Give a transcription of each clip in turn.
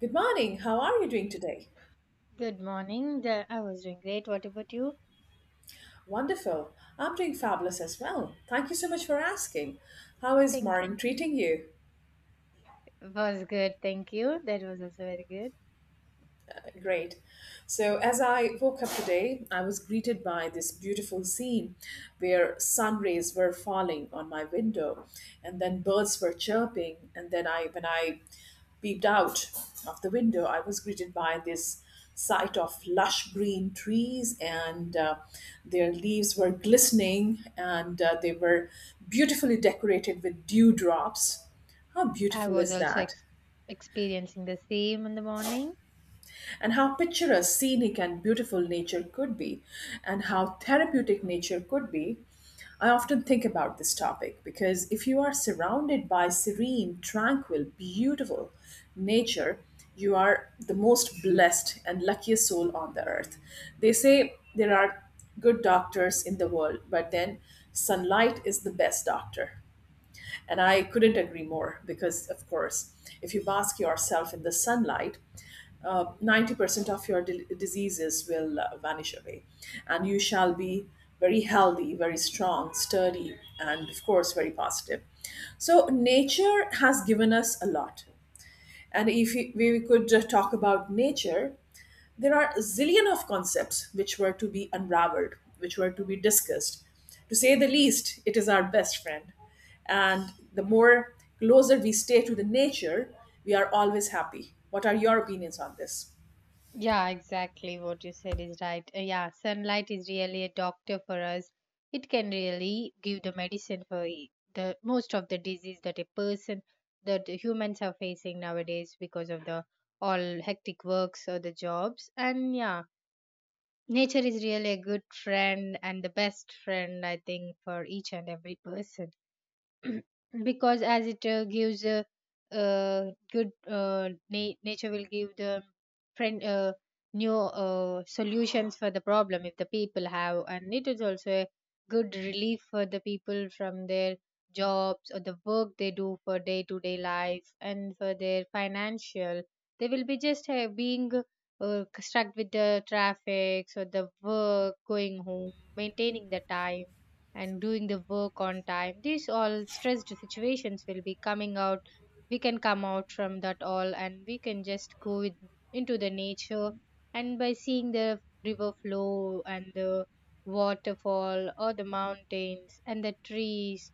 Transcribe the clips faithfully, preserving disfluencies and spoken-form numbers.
Good morning. How are you doing today? Good morning. The, I was doing great. What about you? Wonderful. I'm doing fabulous as well. Thank you so much for asking. How is Thank morning treating you? was good. Thank you. That was also very good. Great. So, as I woke up today, I was greeted by this beautiful scene where sun rays were falling on my window and then birds were chirping and then I when I peeped out of the window, I was greeted by this sight of lush green trees, and uh, their leaves were glistening, and uh, they were beautifully decorated with dewdrops. How I beautiful was is also that? ex- experiencing the same in the morning. And how picturesque, scenic, and beautiful nature could be, and how therapeutic nature could be. I often think about this topic, because if you are surrounded by serene, tranquil, beautiful nature, you are the most blessed and luckiest soul on the earth. They say there are good doctors in the world, but then sunlight is the best doctor. And I couldn't agree more, because of course, if you bask yourself in the sunlight, uh, ninety percent of your d- diseases will uh, vanish away. And you shall be very healthy, very strong, sturdy, and of course, very positive. So, nature has given us a lot. And if we we could uh, talk about nature, there are a zillion of concepts which were to be unraveled, which were to be discussed. To say the least, it is our best friend. And the more closer we stay to the nature, we are always happy. What are your opinions on this? Yeah, exactly what you said is right. Uh, yeah, sunlight is really a doctor for us. It can really give the medicine for e- the most of the disease that a person that the humans are facing nowadays because of the all hectic works or the jobs. And yeah, nature is really a good friend and the best friend, I think, for each and every person. Because as it uh, gives a, uh good uh, na- nature will give the friend uh, new uh, solutions for the problem if the people have, and it is also a good relief for the people from their jobs or the work they do for day to day life. And for their financial, they will be just uh, being uh, stuck with the traffic or the work going home maintaining the time and doing the work on time. These all stressed situations will be coming out. We can come out from that all, and we can just go with, into the nature, and by seeing the river flow and the waterfall or the mountains and the trees,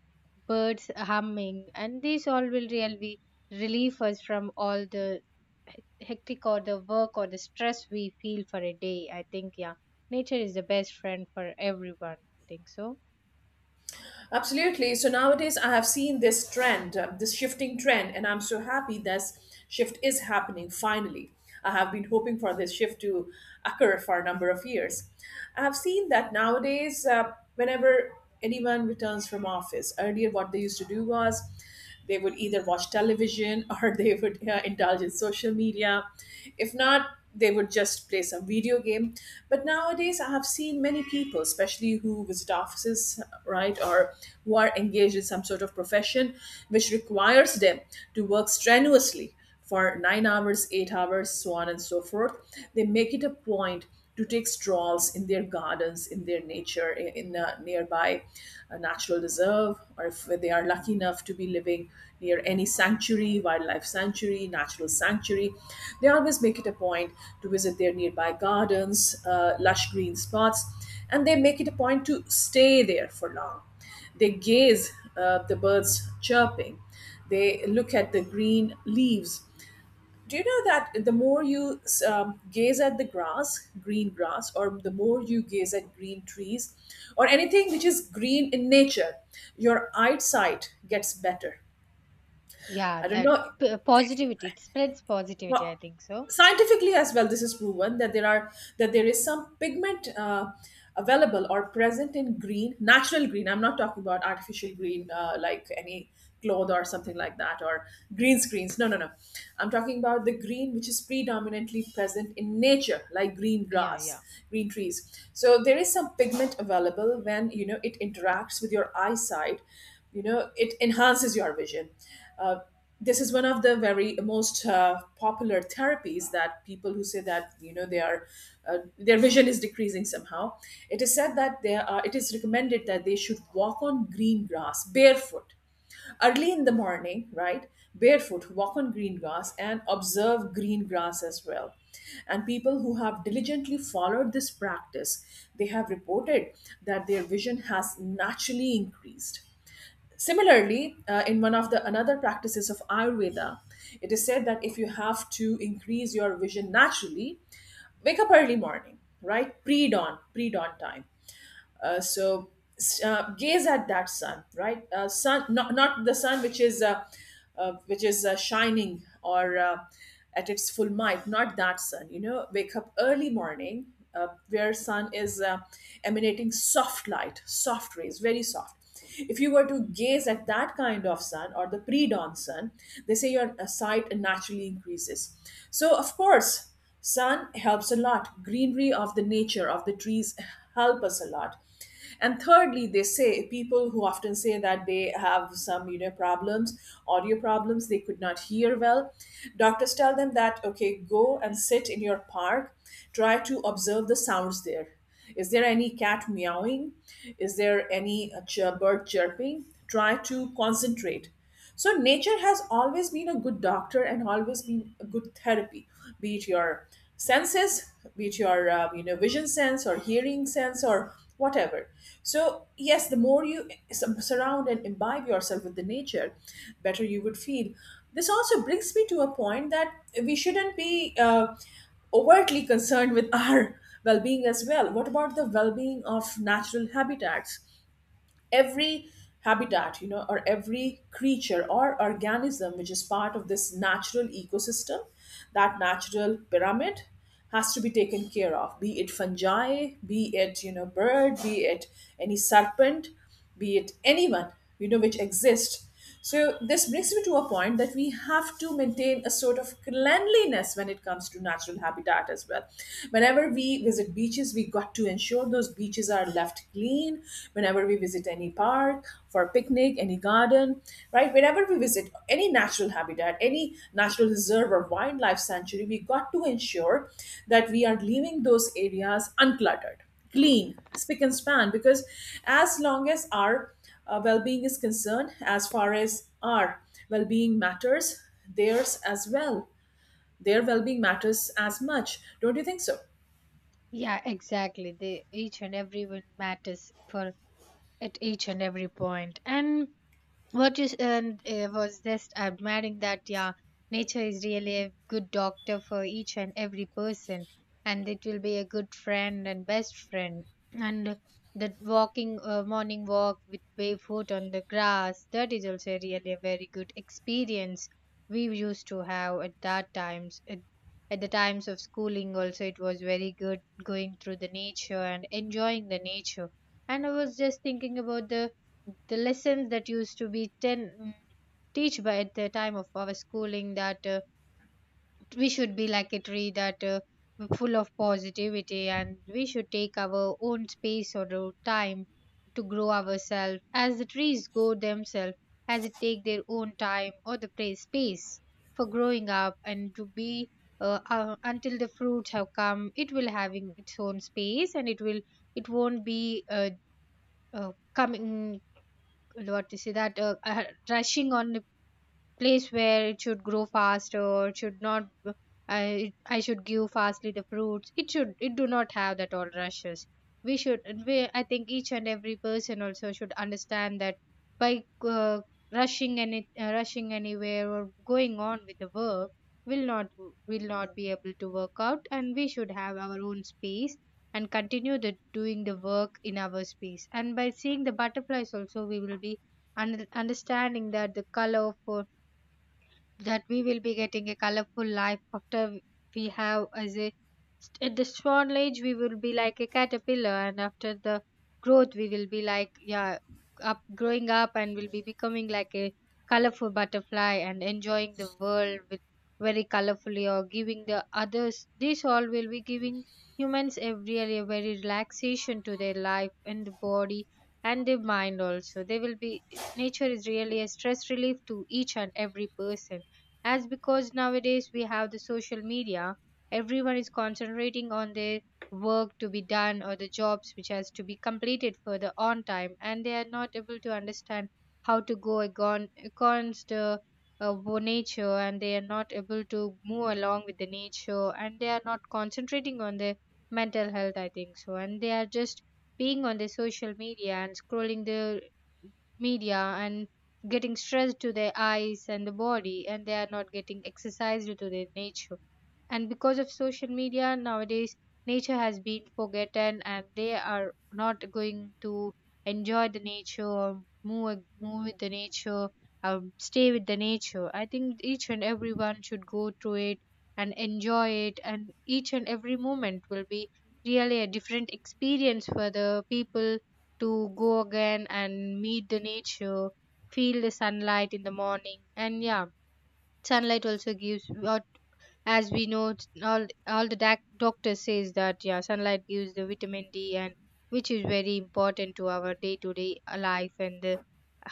birds humming, and these all will really relieve us from all the hec- hectic or the work or the stress we feel for a day, I think. Yeah, nature is the best friend for everyone, I think so. Absolutely. So nowadays, I have seen this trend, uh, this shifting trend, and I'm so happy this shift is happening finally. I have been hoping for this shift to occur for a number of years. I have seen that nowadays, uh, whenever anyone returns from office, earlier what they used to do was they would either watch television or they would uh, indulge in social media. If not, they would just play some video game. But nowadays, I have seen many people, especially who visit offices, right, or who are engaged in some sort of profession which requires them to work strenuously for nine hours, eight hours, so on and so forth. They make it a point to take strolls in their gardens, in their nature, in, in a nearby uh, natural reserve, or if they are lucky enough to be living near any sanctuary, wildlife sanctuary, natural sanctuary, they always make it a point to visit their nearby gardens, uh, lush green spots, and they make it a point to stay there for long. They gaze uh, the birds chirping. They look at the green leaves. Do you know that the more you um, gaze at the grass, green grass, or the more you gaze at green trees, or anything which is green in nature, your eyesight gets better. Yeah, I don't that know. p- positivity, it spreads positivity, I think so. Scientifically as well, this is proven that there are that there is some pigment uh, available or present in green, natural green. I'm not talking about artificial green, uh, like any cloth or something like that, or green screens. No, no, no. I'm talking about the green which is predominantly present in nature, like green Yeah, yeah. grass, green trees. So there is some pigment available, when you know, it interacts with your eyesight, you know, it enhances your vision. uh, this is one of the very most uh, popular therapies, that people who say that you know they are uh, their vision is decreasing somehow, it is said that they are it is recommended that they should walk on green grass barefoot early in the morning, right? Barefoot walk on green grass and observe green grass as well. And people who have diligently followed this practice, they have reported that their vision has naturally increased. Similarly, uh, in one of the another practices of Ayurveda, it is said that if you have to increase your vision naturally, wake up early morning, right? Pre dawn, pre dawn time. Uh, so uh, gaze at that sun, right? Uh, sun, not not the sun which is uh, uh, which is uh, shining, or uh, at its full might. Not that sun. You know, wake up early morning uh, where sun is uh, emanating soft light, soft rays, very soft. If you were to gaze at that kind of sun or the pre-dawn sun, they say your uh, sight naturally increases. So of course, sun helps a lot. Greenery of the nature of the trees help us a lot. And thirdly, they say people who often say that they have some, you know, problems, audio problems, they could not hear well, doctors tell them that okay, go and sit in your park, try to observe the sounds there. Is there any cat meowing? Is there any uh, chir- bird chirping? Try to concentrate. So nature has always been a good doctor and always been a good therapy, be it your senses, be it your uh, you know vision sense or hearing sense or whatever. So yes, the more you s- surround and imbibe yourself with the nature, better you would feel. This also brings me to a point that we shouldn't be uh, overtly concerned with our well-being as well. What about the well-being of natural habitats? Every habitat, you know, or every creature or organism which is part of this natural ecosystem, that natural pyramid, has to be taken care of, be it fungi, be it, you know, bird, be it any serpent, be it anyone, you know, which exists. So this brings me to a point that we have to maintain a sort of cleanliness when it comes to natural habitat as well. Whenever we visit beaches, we got to ensure those beaches are left clean. Whenever we visit any park for a picnic, any garden, right? Whenever we visit any natural habitat, any natural reserve or wildlife sanctuary, we got to ensure that we are leaving those areas uncluttered, clean, spick and span, because as long as our uh, well-being is concerned, as far as our well-being matters, theirs as well, their well-being matters as much. Don't you think so? Yeah, exactly. They each and everyone matters for at each and every point. And what you and uh, was just admiring, that yeah, nature is really a good doctor for each and every person, and it will be a good friend and best friend. And that walking uh, morning walk with barefoot on the grass, that is also really a very good experience we used to have at that times at, at the times of schooling also. It was very good going through the nature and enjoying the nature. And I was just thinking about the the lessons that used to be ten mm, teach by at the time of our schooling, that uh, we should be like a tree, that uh, full of positivity, and we should take our own space or our time to grow ourselves as the trees grow themselves, as it take their own time or the place space for growing up. And to be uh, uh, until the fruits have come, it will having its own space, and it will it won't be uh, uh, coming, what to say, that uh, uh, rushing on place where it should grow faster, it should not. I I should give fastly the fruits. It should it do not have that all rushes. We should, and we, I think each and every person also should understand that by uh, rushing any uh, rushing anywhere or going on with the work, will not will not be able to work out, and we should have our own space and continue the doing the work in our space. And by seeing the butterflies also, we will be un- understanding that the color for that we will be getting a colorful life after. We have as a at the swan age we will be like a caterpillar, and after the growth we will be like, yeah, up growing up and will be becoming like a colorful butterfly and enjoying the world with very colorfully or giving the others. This all will be giving humans a really a very relaxation to their life and the body and their mind also they will be. Nature is really a stress relief to each and every person, as because nowadays we have the social media. Everyone is concentrating on their work to be done or the jobs which has to be completed for the on time, and they are not able to understand how to go agon- against the uh, wo- nature, and they are not able to move along with the nature, and they are not concentrating on their mental health, I think so. And they are just being on the social media and scrolling the media and getting stressed to their eyes and the body, and they are not getting exercise due to their nature. And because of social media nowadays, nature has been forgotten, and they are not going to enjoy the nature or move move with the nature or stay with the nature. I think each and everyone should go through it and enjoy it, and each and every moment will be really a different experience for the people to go again and meet the nature, feel the sunlight in the morning. And yeah, sunlight also gives what, as we know, it's all all the doc- doctor says that yeah, sunlight gives the vitamin d, and which is very important to our day to day life and the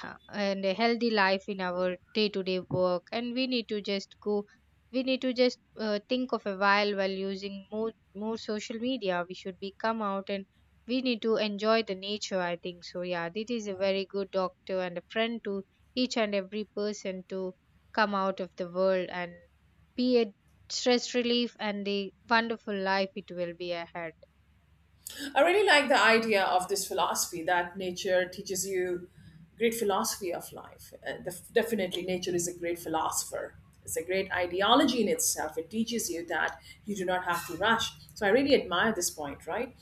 uh, and a healthy life in our day to day work. And we need to just go, we need to just uh, think of a while while using more more social media, we should be come out, and we need to enjoy the nature, I think so. Yeah, this is a very good doctor and a friend to each and every person to come out of the world and be a stress relief, and the wonderful life it will be ahead. I really like the idea of this philosophy that nature teaches you great philosophy of life. Uh, def- definitely, nature is a great philosopher. It's a great ideology in itself. It teaches you that you do not have to rush. So I really admire this point, right?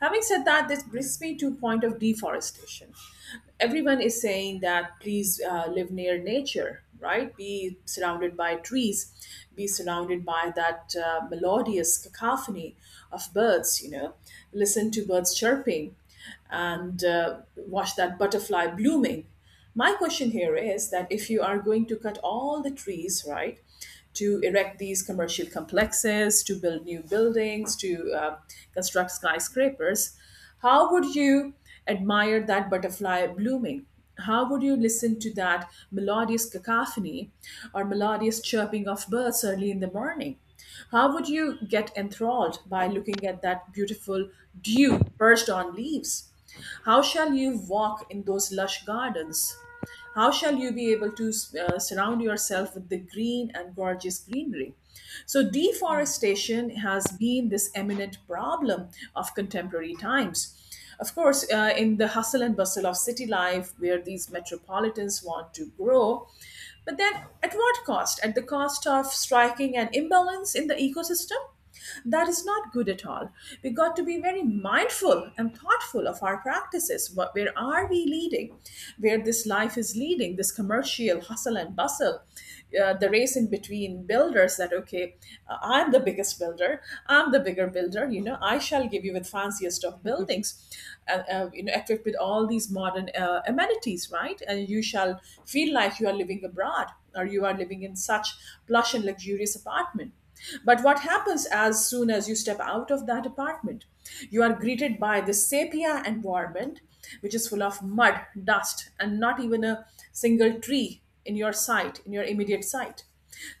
Having said that, this brings me to point of deforestation. Everyone is saying that please uh, live near nature, right? Be surrounded by trees, be surrounded by that uh, melodious cacophony of birds, you know, listen to birds chirping, and uh, watch that butterfly blooming. My question here is that if you are going to cut all the trees, right, to erect these commercial complexes, to build new buildings, to uh, construct skyscrapers, how would you admire that butterfly blooming? How would you listen to that melodious cacophony or melodious chirping of birds early in the morning? How would you get enthralled by looking at that beautiful dew perched on leaves? How shall you walk in those lush gardens? How shall you be able to uh, surround yourself with the green and gorgeous greenery? So, deforestation has been this eminent problem of contemporary times. Of course, uh, in the hustle and bustle of city life, where these metropolitans want to grow, but then at what cost? At the cost of striking an imbalance in the ecosystem? That is not good at all. We got to be very mindful and thoughtful of our practices. What, where are we leading? Where this life is leading, this commercial hustle and bustle, uh, the race in between builders that, okay, uh, I'm the biggest builder, I'm the bigger builder, you know, I shall give you with fanciest of buildings, uh, uh, you know, equipped with all these modern uh, amenities, right? And you shall feel like you are living abroad, or you are living in such plush and luxurious apartment. But what happens as soon as you step out of that apartment? You are greeted by the sepia environment, which is full of mud, dust, and not even a single tree in your sight, in your immediate sight.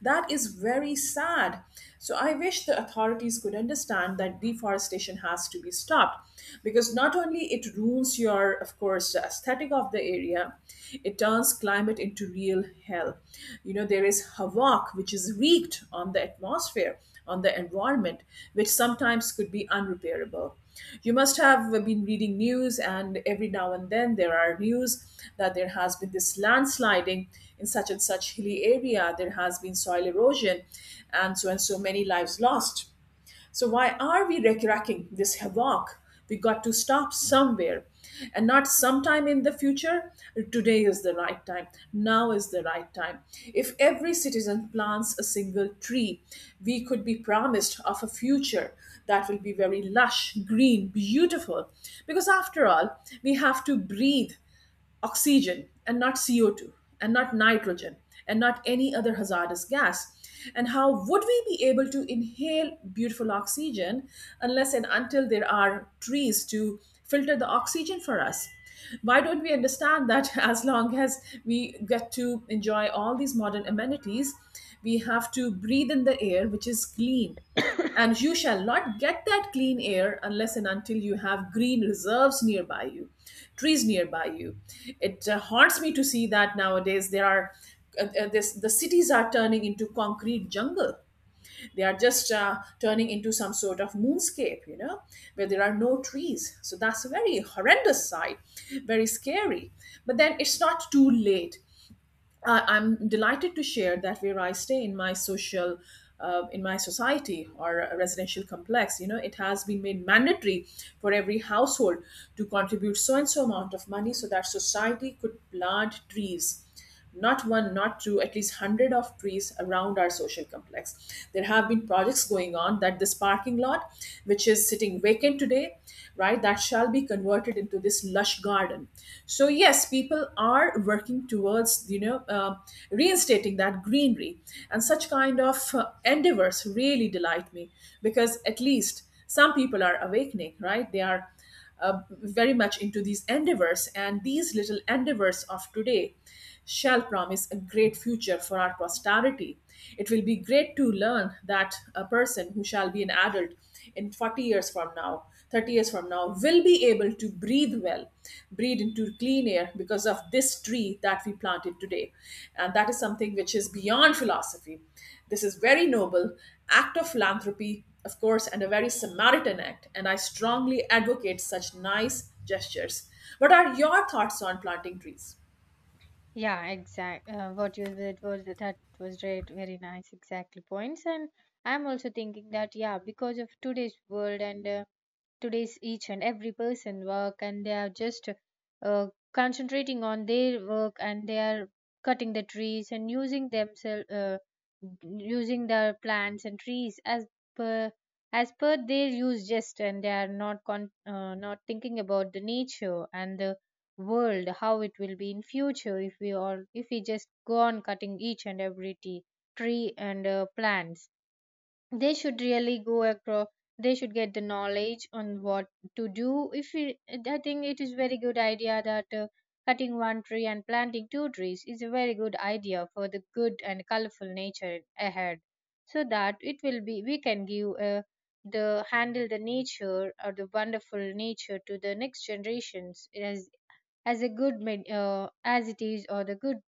That is very sad. So I wish the authorities could understand that deforestation has to be stopped, because not only it ruins your, of course, aesthetic of the area, it turns climate into real hell. You know, there is havoc which is wreaked on the atmosphere, on the environment, which sometimes could be unrepairable. You must have been reading news, and every now and then there are news that there has been this landsliding in such and such hilly area, there has been soil erosion and so and so many lives lost. So why are we wreaking this havoc? We got to stop somewhere, and not sometime in the future. Today is the right time, now is the right time. If every citizen plants a single tree, we could be promised of a future that will be very lush green beautiful, because after all, we have to breathe oxygen and not C O two, and not nitrogen, and not any other hazardous gas. And how would we be able to inhale beautiful oxygen unless and until there are trees to filter the oxygen for us? Why don't we understand that, as long as we get to enjoy all these modern amenities, we have to breathe in the air which is clean? And you shall not get that clean air unless and until you have green reserves nearby you, trees nearby you. It uh, haunts me to see that nowadays there are uh, uh, this, the cities are turning into concrete jungle. They are just uh, turning into some sort of moonscape you know where there are no trees. So that's a very horrendous sight, very scary. But then it's not too late. I I'm delighted to share that where I stay in my social, uh, in my society or a residential complex, you know, it has been made mandatory for every household to contribute so and so amount of money so that society could plant trees. Not one, not two, at least hundred of trees around our social complex. There have been projects going on that this parking lot, which is sitting vacant today, right, that shall shall be converted into this lush garden. So yes, people are working towards, you know, uh, reinstating that greenery, and such kind of uh, endeavors really delight me, because at least some people are awakening, right? They are uh, very much into these endeavors, and these little endeavors of today shall promise a great future for our posterity. It will be great to learn that a person who shall be an adult in forty years from now, thirty years from now, will be able to breathe well, breathe into clean air because of this tree that we planted today. And that is something which is beyond philosophy. This is very noble act of philanthropy, of course, and a very Samaritan act. And I strongly advocate such nice gestures. What are your thoughts on planting trees? Yeah, exact. Uh, what you said was that was right, very nice, exactly points. And I'm also thinking that yeah, because of today's world and uh, today's each and every person work, and they are just uh, concentrating on their work, and they are cutting the trees and using themselves uh, using their plants and trees as per as per their use just, and they are not con- uh, not thinking about the nature and the world, how it will be in future, if we all, if we just go on cutting each and every tea, tree and uh, plants. They should really go across, they should get the knowledge on what to do if it, I think it is very good idea that uh, cutting one tree and planting two trees is a very good idea for the good and colorful nature ahead, so that it will be we can give uh, the handle the nature or the wonderful nature to the next generations as as a good med- uh, as it is or the good,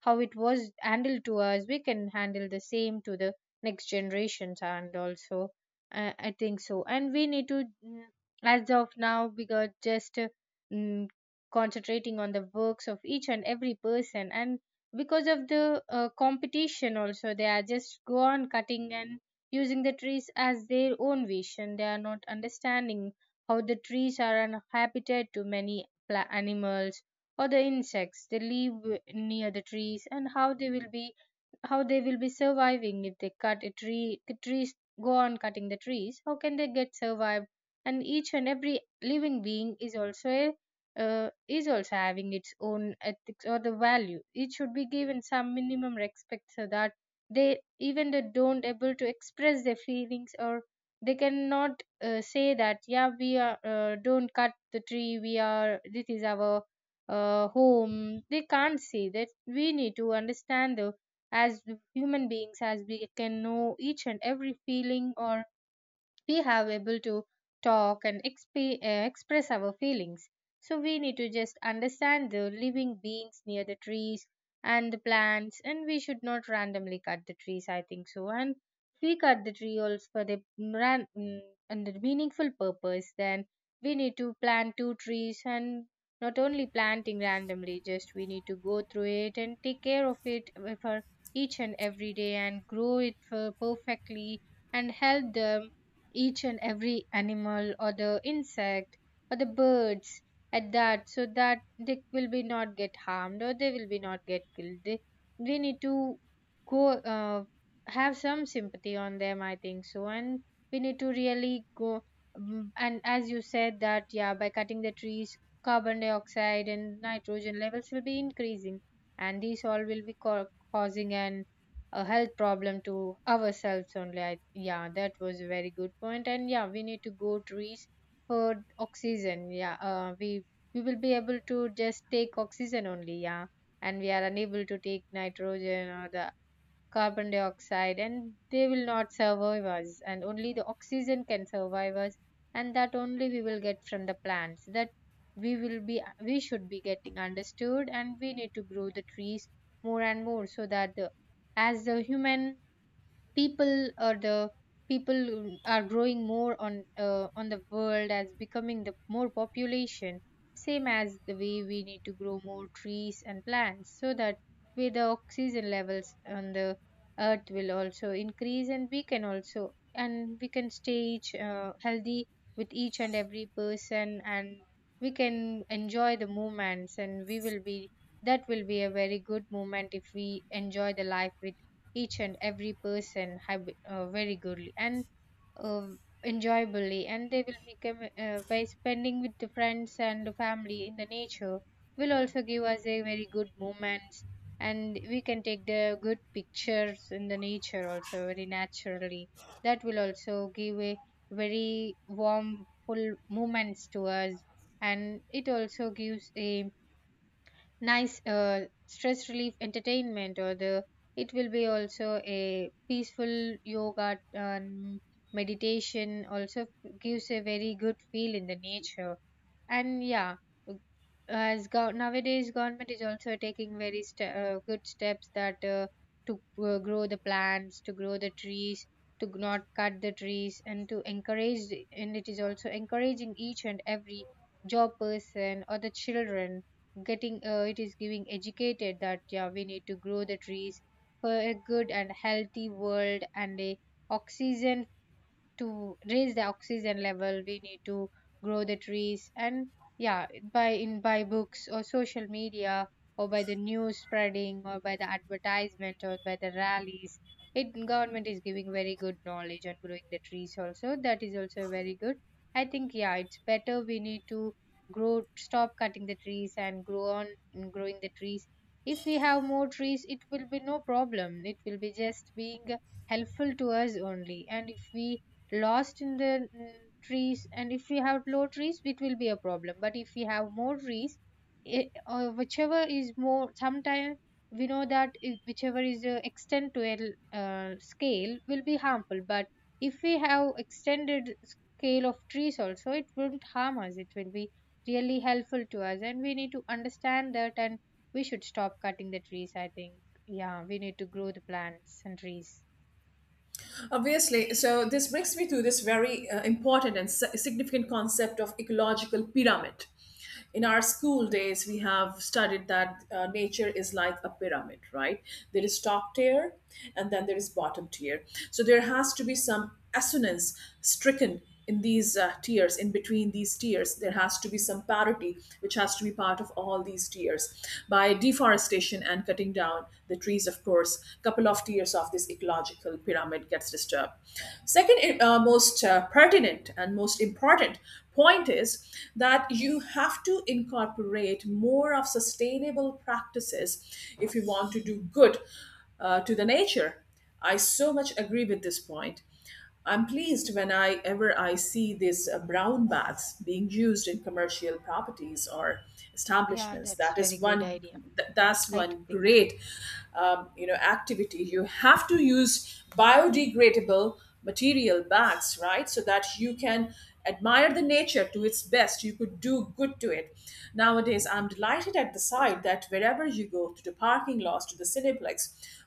how it was handled to us, we can handle the same to the next generations. And also uh, I think so, and we need to mm, as of now, because just uh, mm, concentrating on the works of each and every person, and because of the uh, competition also, they are just go on cutting and using the trees as their own vision. They are not understanding how the trees are an habitat to many pla- animals or the insects. They live near the trees, and how they will be how they will be surviving if they cut a tree, the trees go on cutting the trees, how can they get survived. And each and every living being is also a uh, is also having its own ethics or the value, it should be given some minimum respect, so that they even they don't able to express their feelings, or they cannot uh, say that yeah, we are uh, don't cut the tree, we are, this is our uh, home, they can't say that. We need to understand the, as human beings, as we can know each and every feeling, or we have able to talk and exp- uh, express our feelings. So we need to just understand the living beings near the trees and the plants, and we should not randomly cut the trees, I think so. And if we cut the tree also for the ran- mm, and the meaningful purpose, then we need to plant two trees. And not only planting randomly, just we need to go through it and take care of it eh, for each and every day and grow it for perfectly, and help them each and every animal or the insect or the birds at that, so that they will be not get harmed or they will be not get killed. They, we need to go uh, have some sympathy on them, I think so. And we need to really go, mm, and as you said that yeah, by cutting the trees, carbon dioxide and nitrogen levels will be increasing, and these all will be co- causing an a health problem to ourselves only. I, yeah, that was a very good point. And yeah, we need to go trees for oxygen. Yeah, uh, we we will be able to just take oxygen only. Yeah, and we are unable to take nitrogen or the carbon dioxide and they will not survive us and only the oxygen can survive us, and that only we will get from the plants that we will be we should be getting understood. And we need to grow the trees more and more so that the, as the human people or the people are growing more on uh, on the world as becoming the more population, same as the way we need to grow more trees and plants so that way the oxygen levels on the earth will also increase, and we can also and we can stay each uh, healthy with each and every person. And we can enjoy the moments, and we will be that will be a very good moment if we enjoy the life with each and every person have uh, very goodly and uh, enjoyably. And they will become uh, by spending with the friends and the family in the nature, will also give us a very good moments. And we can take the good pictures in the nature also very naturally. That will also give a very warm full moments to us. And it also gives a nice uh, stress relief entertainment or the it will be also a peaceful yoga and meditation also gives a very good feel in the nature. And yeah, w- as go- nowadays government is also taking very ste- uh, good steps that uh, to uh, grow the plants, to grow the trees, to g- not cut the trees, and to encourage the- and It is also encouraging each and every job person or the children getting uh, it is giving educated that yeah, we need to grow the trees for a good and healthy world and a oxygen. To raise the oxygen level we need to grow the trees. And yeah, by in by books or social media or by the news spreading or by the advertisement or by the rallies, it government is giving very good knowledge on growing the trees also. That is also very good. I think yeah, it's better we need to grow stop cutting the trees and grow on mm, growing the trees. If we have more trees it will be no problem, it will be just being helpful to us only. And if we lost in the mm, trees, and if we have low trees it will be a problem, but if we have more trees, it, uh, whichever is more sometimes, we know that i- whichever is uh, extend to a uh, scale will be harmful, but if we have extended scale of trees also it won't harm us, it will be really helpful to us. And we need to understand that, and we should stop cutting the trees. I think yeah, we need to grow the plants and trees. Obviously, so this brings me to this very uh, important and si- significant concept of ecological pyramid. In our school days, we have studied that uh, nature is like a pyramid, right? There is top tier, and then there is bottom tier. So there has to be some assonance stricken in these uh, tiers. In between these tiers there has to be some parity which has to be part of all these tiers. By deforestation and cutting down the trees, of course couple of tiers of this ecological pyramid gets disturbed. Second, uh, most uh, pertinent and most important point is that you have to incorporate more of sustainable practices if you want to do good uh, to the nature. I so much agree with this point. I'm pleased when I ever I see these uh, brown baths being used in commercial properties or Yeah, establishments. that's That very is good one. idea. th- That's I too one think. great, um, you know, activity. You have to use biodegradable material bags, right? So that you can admire the nature to its best. You could do good to it. Nowadays, I'm delighted at the sight that wherever you go to the parking lots, to the cineplex,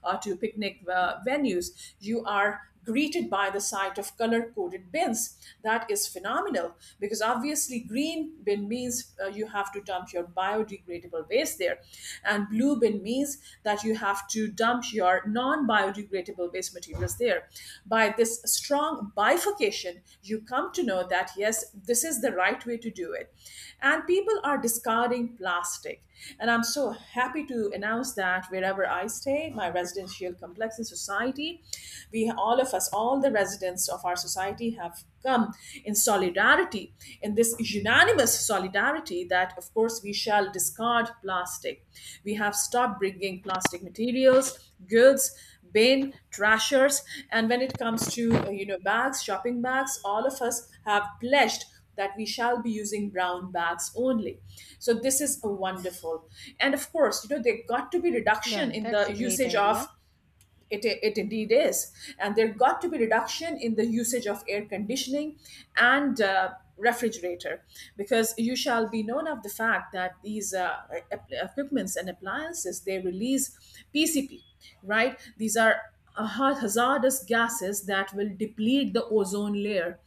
or to picnic uh, venues, you are greeted by the sight of color coded bins. That is phenomenal because obviously, green bin means uh, you have to dump your biodegradable waste there, and blue bin means that you have to dump your non biodegradable waste materials there. By this strong bifurcation, you come to know that yes, this is the right way to do it. And people are discarding plastic, and I'm so happy to announce that wherever I stay, my residential complex in society, we all of us, all the residents of our society have come in solidarity, in this unanimous solidarity that, of course, we shall discard plastic. We have stopped bringing plastic materials, goods, bin trashers, and when it comes to uh, you know, bags, shopping bags, all of us have pledged that we shall be using brown bags only. So this is a wonderful, and of course, you know, there got to be reduction Yeah, in that's the a great usage of, idea. it, it indeed is. And there got to be reduction in the usage of air conditioning and uh, refrigerator, because you shall be known of the fact that these uh, ep- equipments and appliances, they release P C P, right? These are uh, hazardous gases that will deplete the ozone layer.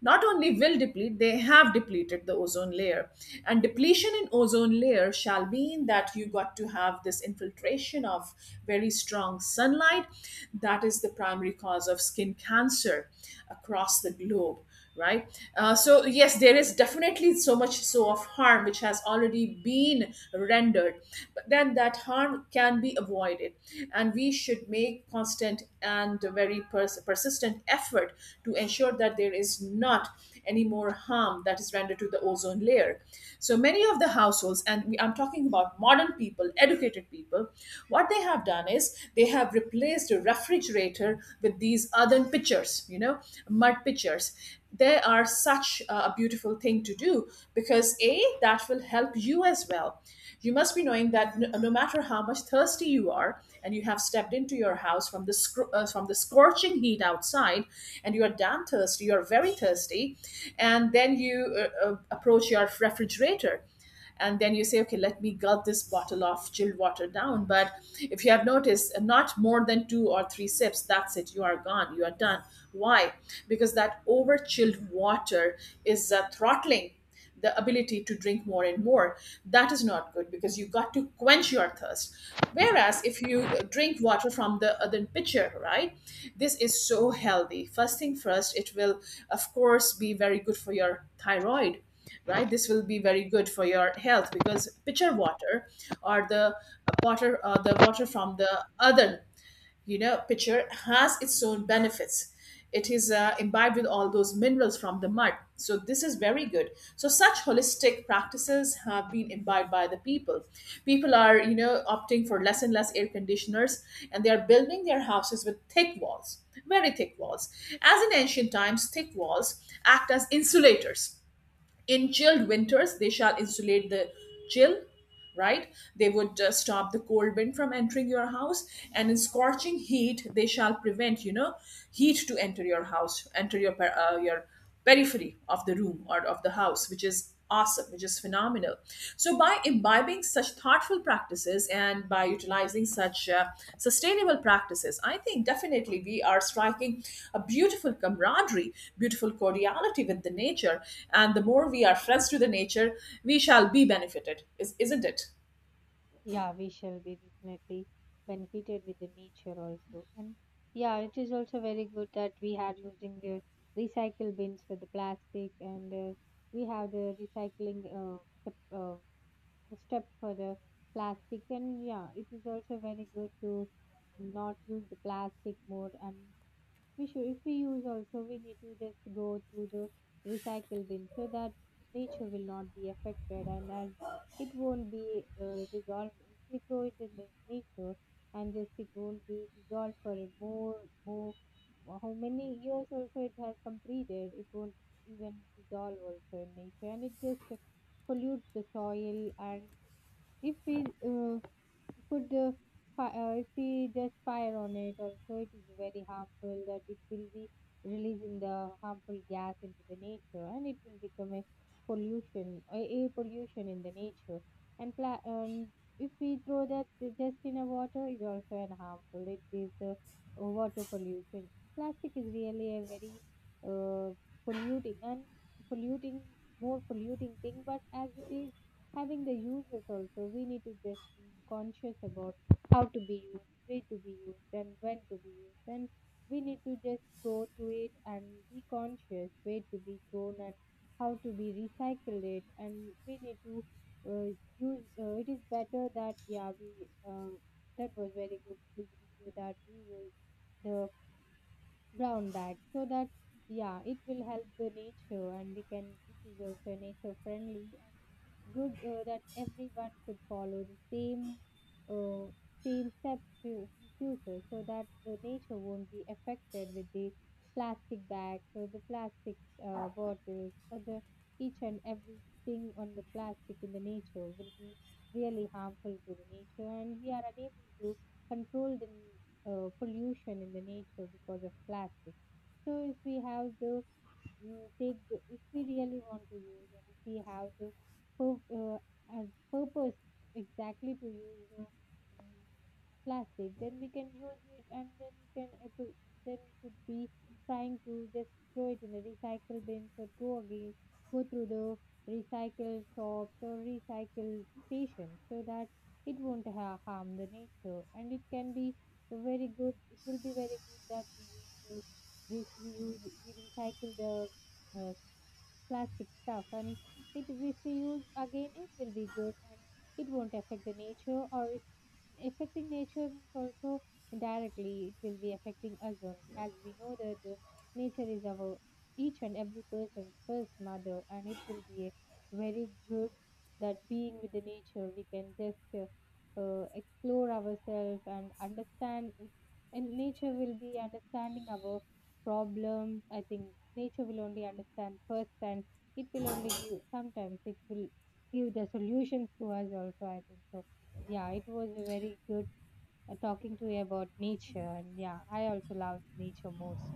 Not only will deplete, they have depleted the ozone layer. And depletion in ozone layer shall mean that you got to have this infiltration of very strong sunlight, that is the primary cause of skin cancer across the globe, right? Uh, so yes, there is definitely so much so of harm which has already been rendered, but then that harm can be avoided, and we should make constant and very pers- persistent effort to ensure that there is not any more harm that is rendered to the ozone layer. So many of the households, and we, I'm talking about modern people, educated people, what they have done is they have replaced a refrigerator with these earthen pitchers, you know, mud pitchers. They are such a beautiful thing to do, because A, that will help you as well. You must be knowing that no, no matter how much thirsty you are, and you have stepped into your house from the scr- uh, from the scorching heat outside, and you are damn thirsty, you are very thirsty, and then you uh, uh, approach your refrigerator, and then you say, okay, let me gulp this bottle of chilled water down. But if you have noticed, uh, not more than two or three sips, that's it, you are gone, you are done. Why? Because that over chilled water is uh, throttling the ability to drink more and more. That is not good because you got to quench your thirst. Whereas if you drink water from the other pitcher, right, this is so healthy. First thing first, it will of course be very good for your thyroid, right? This will be very good for your health, because pitcher water, or the uh, water uh, the water from the other, you know, pitcher has its own benefits. It is uh, imbibed with all those minerals from the mud. So this is very good. So such holistic practices have been imbibed by the people. People are, you know, opting for less and less air conditioners, and they are building their houses with thick walls, very thick walls. As in ancient times, thick walls act as insulators. In chilled winters, they shall insulate the chill, right? They would uh, stop the cold wind from entering your house, and in scorching heat, they shall prevent, you know, heat to enter your house, enter your per- uh, your periphery of the room or of the house, which is awesome, which is phenomenal. So by imbibing such thoughtful practices and by utilizing such uh, sustainable practices, I think definitely we are striking a beautiful camaraderie, beautiful cordiality with the nature. And the more we are friends to the nature, we shall be benefited, is, isn't it? Yeah, we shall be definitely benefited with the nature also. And yeah, it is also very good that we are using the recycle bins for the plastic, and uh, we have the recycling uh, step, uh, step for the plastic. And yeah, it is also very good to not use the plastic more. And we should, if we use also, we need to just go to the recycle bin so that nature will not be affected, and as it won't be uh, dissolved. If we throw it in the nature and just it won't be dissolved for more, more, how many years also it has completed, it won't even dissolve also in nature and it just pollutes the soil. And if we uh, could uh, fi- uh, if we just fire on it also it is very harmful, that it will be releasing the harmful gas into the nature and it will become a pollution a air pollution in the nature. And, pla- and if we throw that just in a water is also an harmful, it is uh, water pollution. Plastic is really a very uh, polluting and polluting more polluting thing, but as it is having the users also we need to just be conscious about how to be used, where to be used, and when to be used. And we need to just go through it and be conscious where to be thrown and how to be recycled it. And we need to uh, use uh, it is better that yeah, we uh, that was very good listening to that you use the brown bag so that yeah, it will help the nature. And we can it is also nature friendly and good, uh, that everyone should follow the same uh, same steps to- in future so that the nature won't be affected with the plastic bags or the plastic uh, bottles or the each and everything on the plastic in the nature will be really harmful to the nature. And we are unable to control the uh, pollution in the nature because of plastic. So if we have the mm, take the, if we really want to use and if we have the pur- uh, as purpose exactly to use the mm, plastic, then we can use it. And then we can ap- then we should be trying to just throw it in the recycle bins or go again go through the recycle shops or recycle stations so that it won't ha- harm the nature. And it can be very good it will be very good that we use the re- we use we recycle the uh, plastic stuff. And it if we use again it will be good and it won't affect the nature. Or it affecting nature means also indirectly it will be affecting us only, as we know that the nature is our each and every person's first mother. And it will be a very good that being with the nature we can just uh, uh, explore ourselves and understand it, and nature will be understanding our problem. I think nature will only understand first and it will only give, sometimes it will give the solutions to us also, I think so. Yeah, it was a very good uh, talking to you about nature, and yeah, I also love nature most.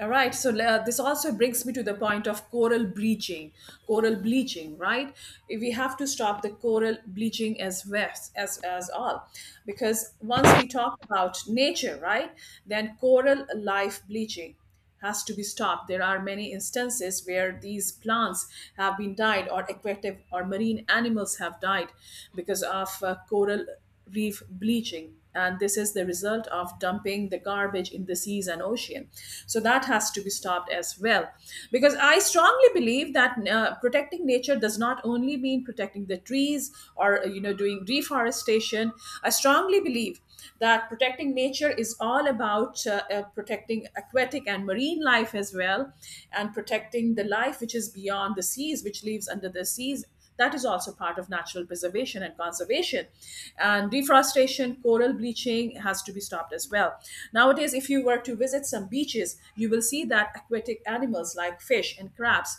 All right, so Yeah. uh, this also brings me to the point of coral bleaching. Coral bleaching, right? We have to stop the coral bleaching as well, as as all, because once we talk about nature, right, then coral life bleaching has to be stopped. There are many instances where these plants have been died, or aquatic or marine animals have died because of uh, coral reef bleaching, and this is the result of dumping the garbage in the seas and ocean. So that has to be stopped as well, because I strongly believe that uh, protecting nature does not only mean protecting the trees or, uh, you know, doing reforestation. I strongly believe that protecting nature is all about uh, uh, protecting aquatic and marine life as well, and protecting the life which is beyond the seas, which lives under the seas. That is also part of natural preservation and conservation. And deforestation, coral bleaching has to be stopped as well. Nowadays, if you were to visit some beaches, you will see that aquatic animals like fish and crabs,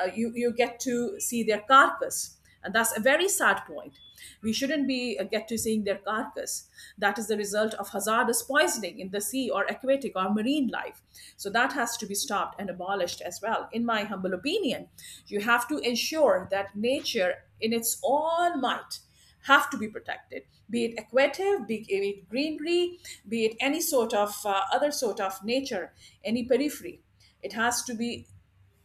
uh, you, you get to see their carcass, and that's a very sad point. We shouldn't be uh, get to seeing their carcass. That is the result of hazardous poisoning in the sea or aquatic or marine life. So that has to be stopped and abolished as well, in my humble opinion. You have to ensure that nature in its all might have to be protected, be it aquative, be it greenery, be it any sort of uh, other sort of nature, any periphery, it has to be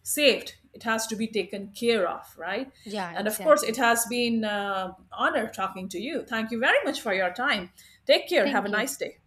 saved, it has to be taken care of, right? Yeah, And of course, it exactly. has been uh, honor talking to you. Thank you very much for your time. Take care, have a Thank you. nice day.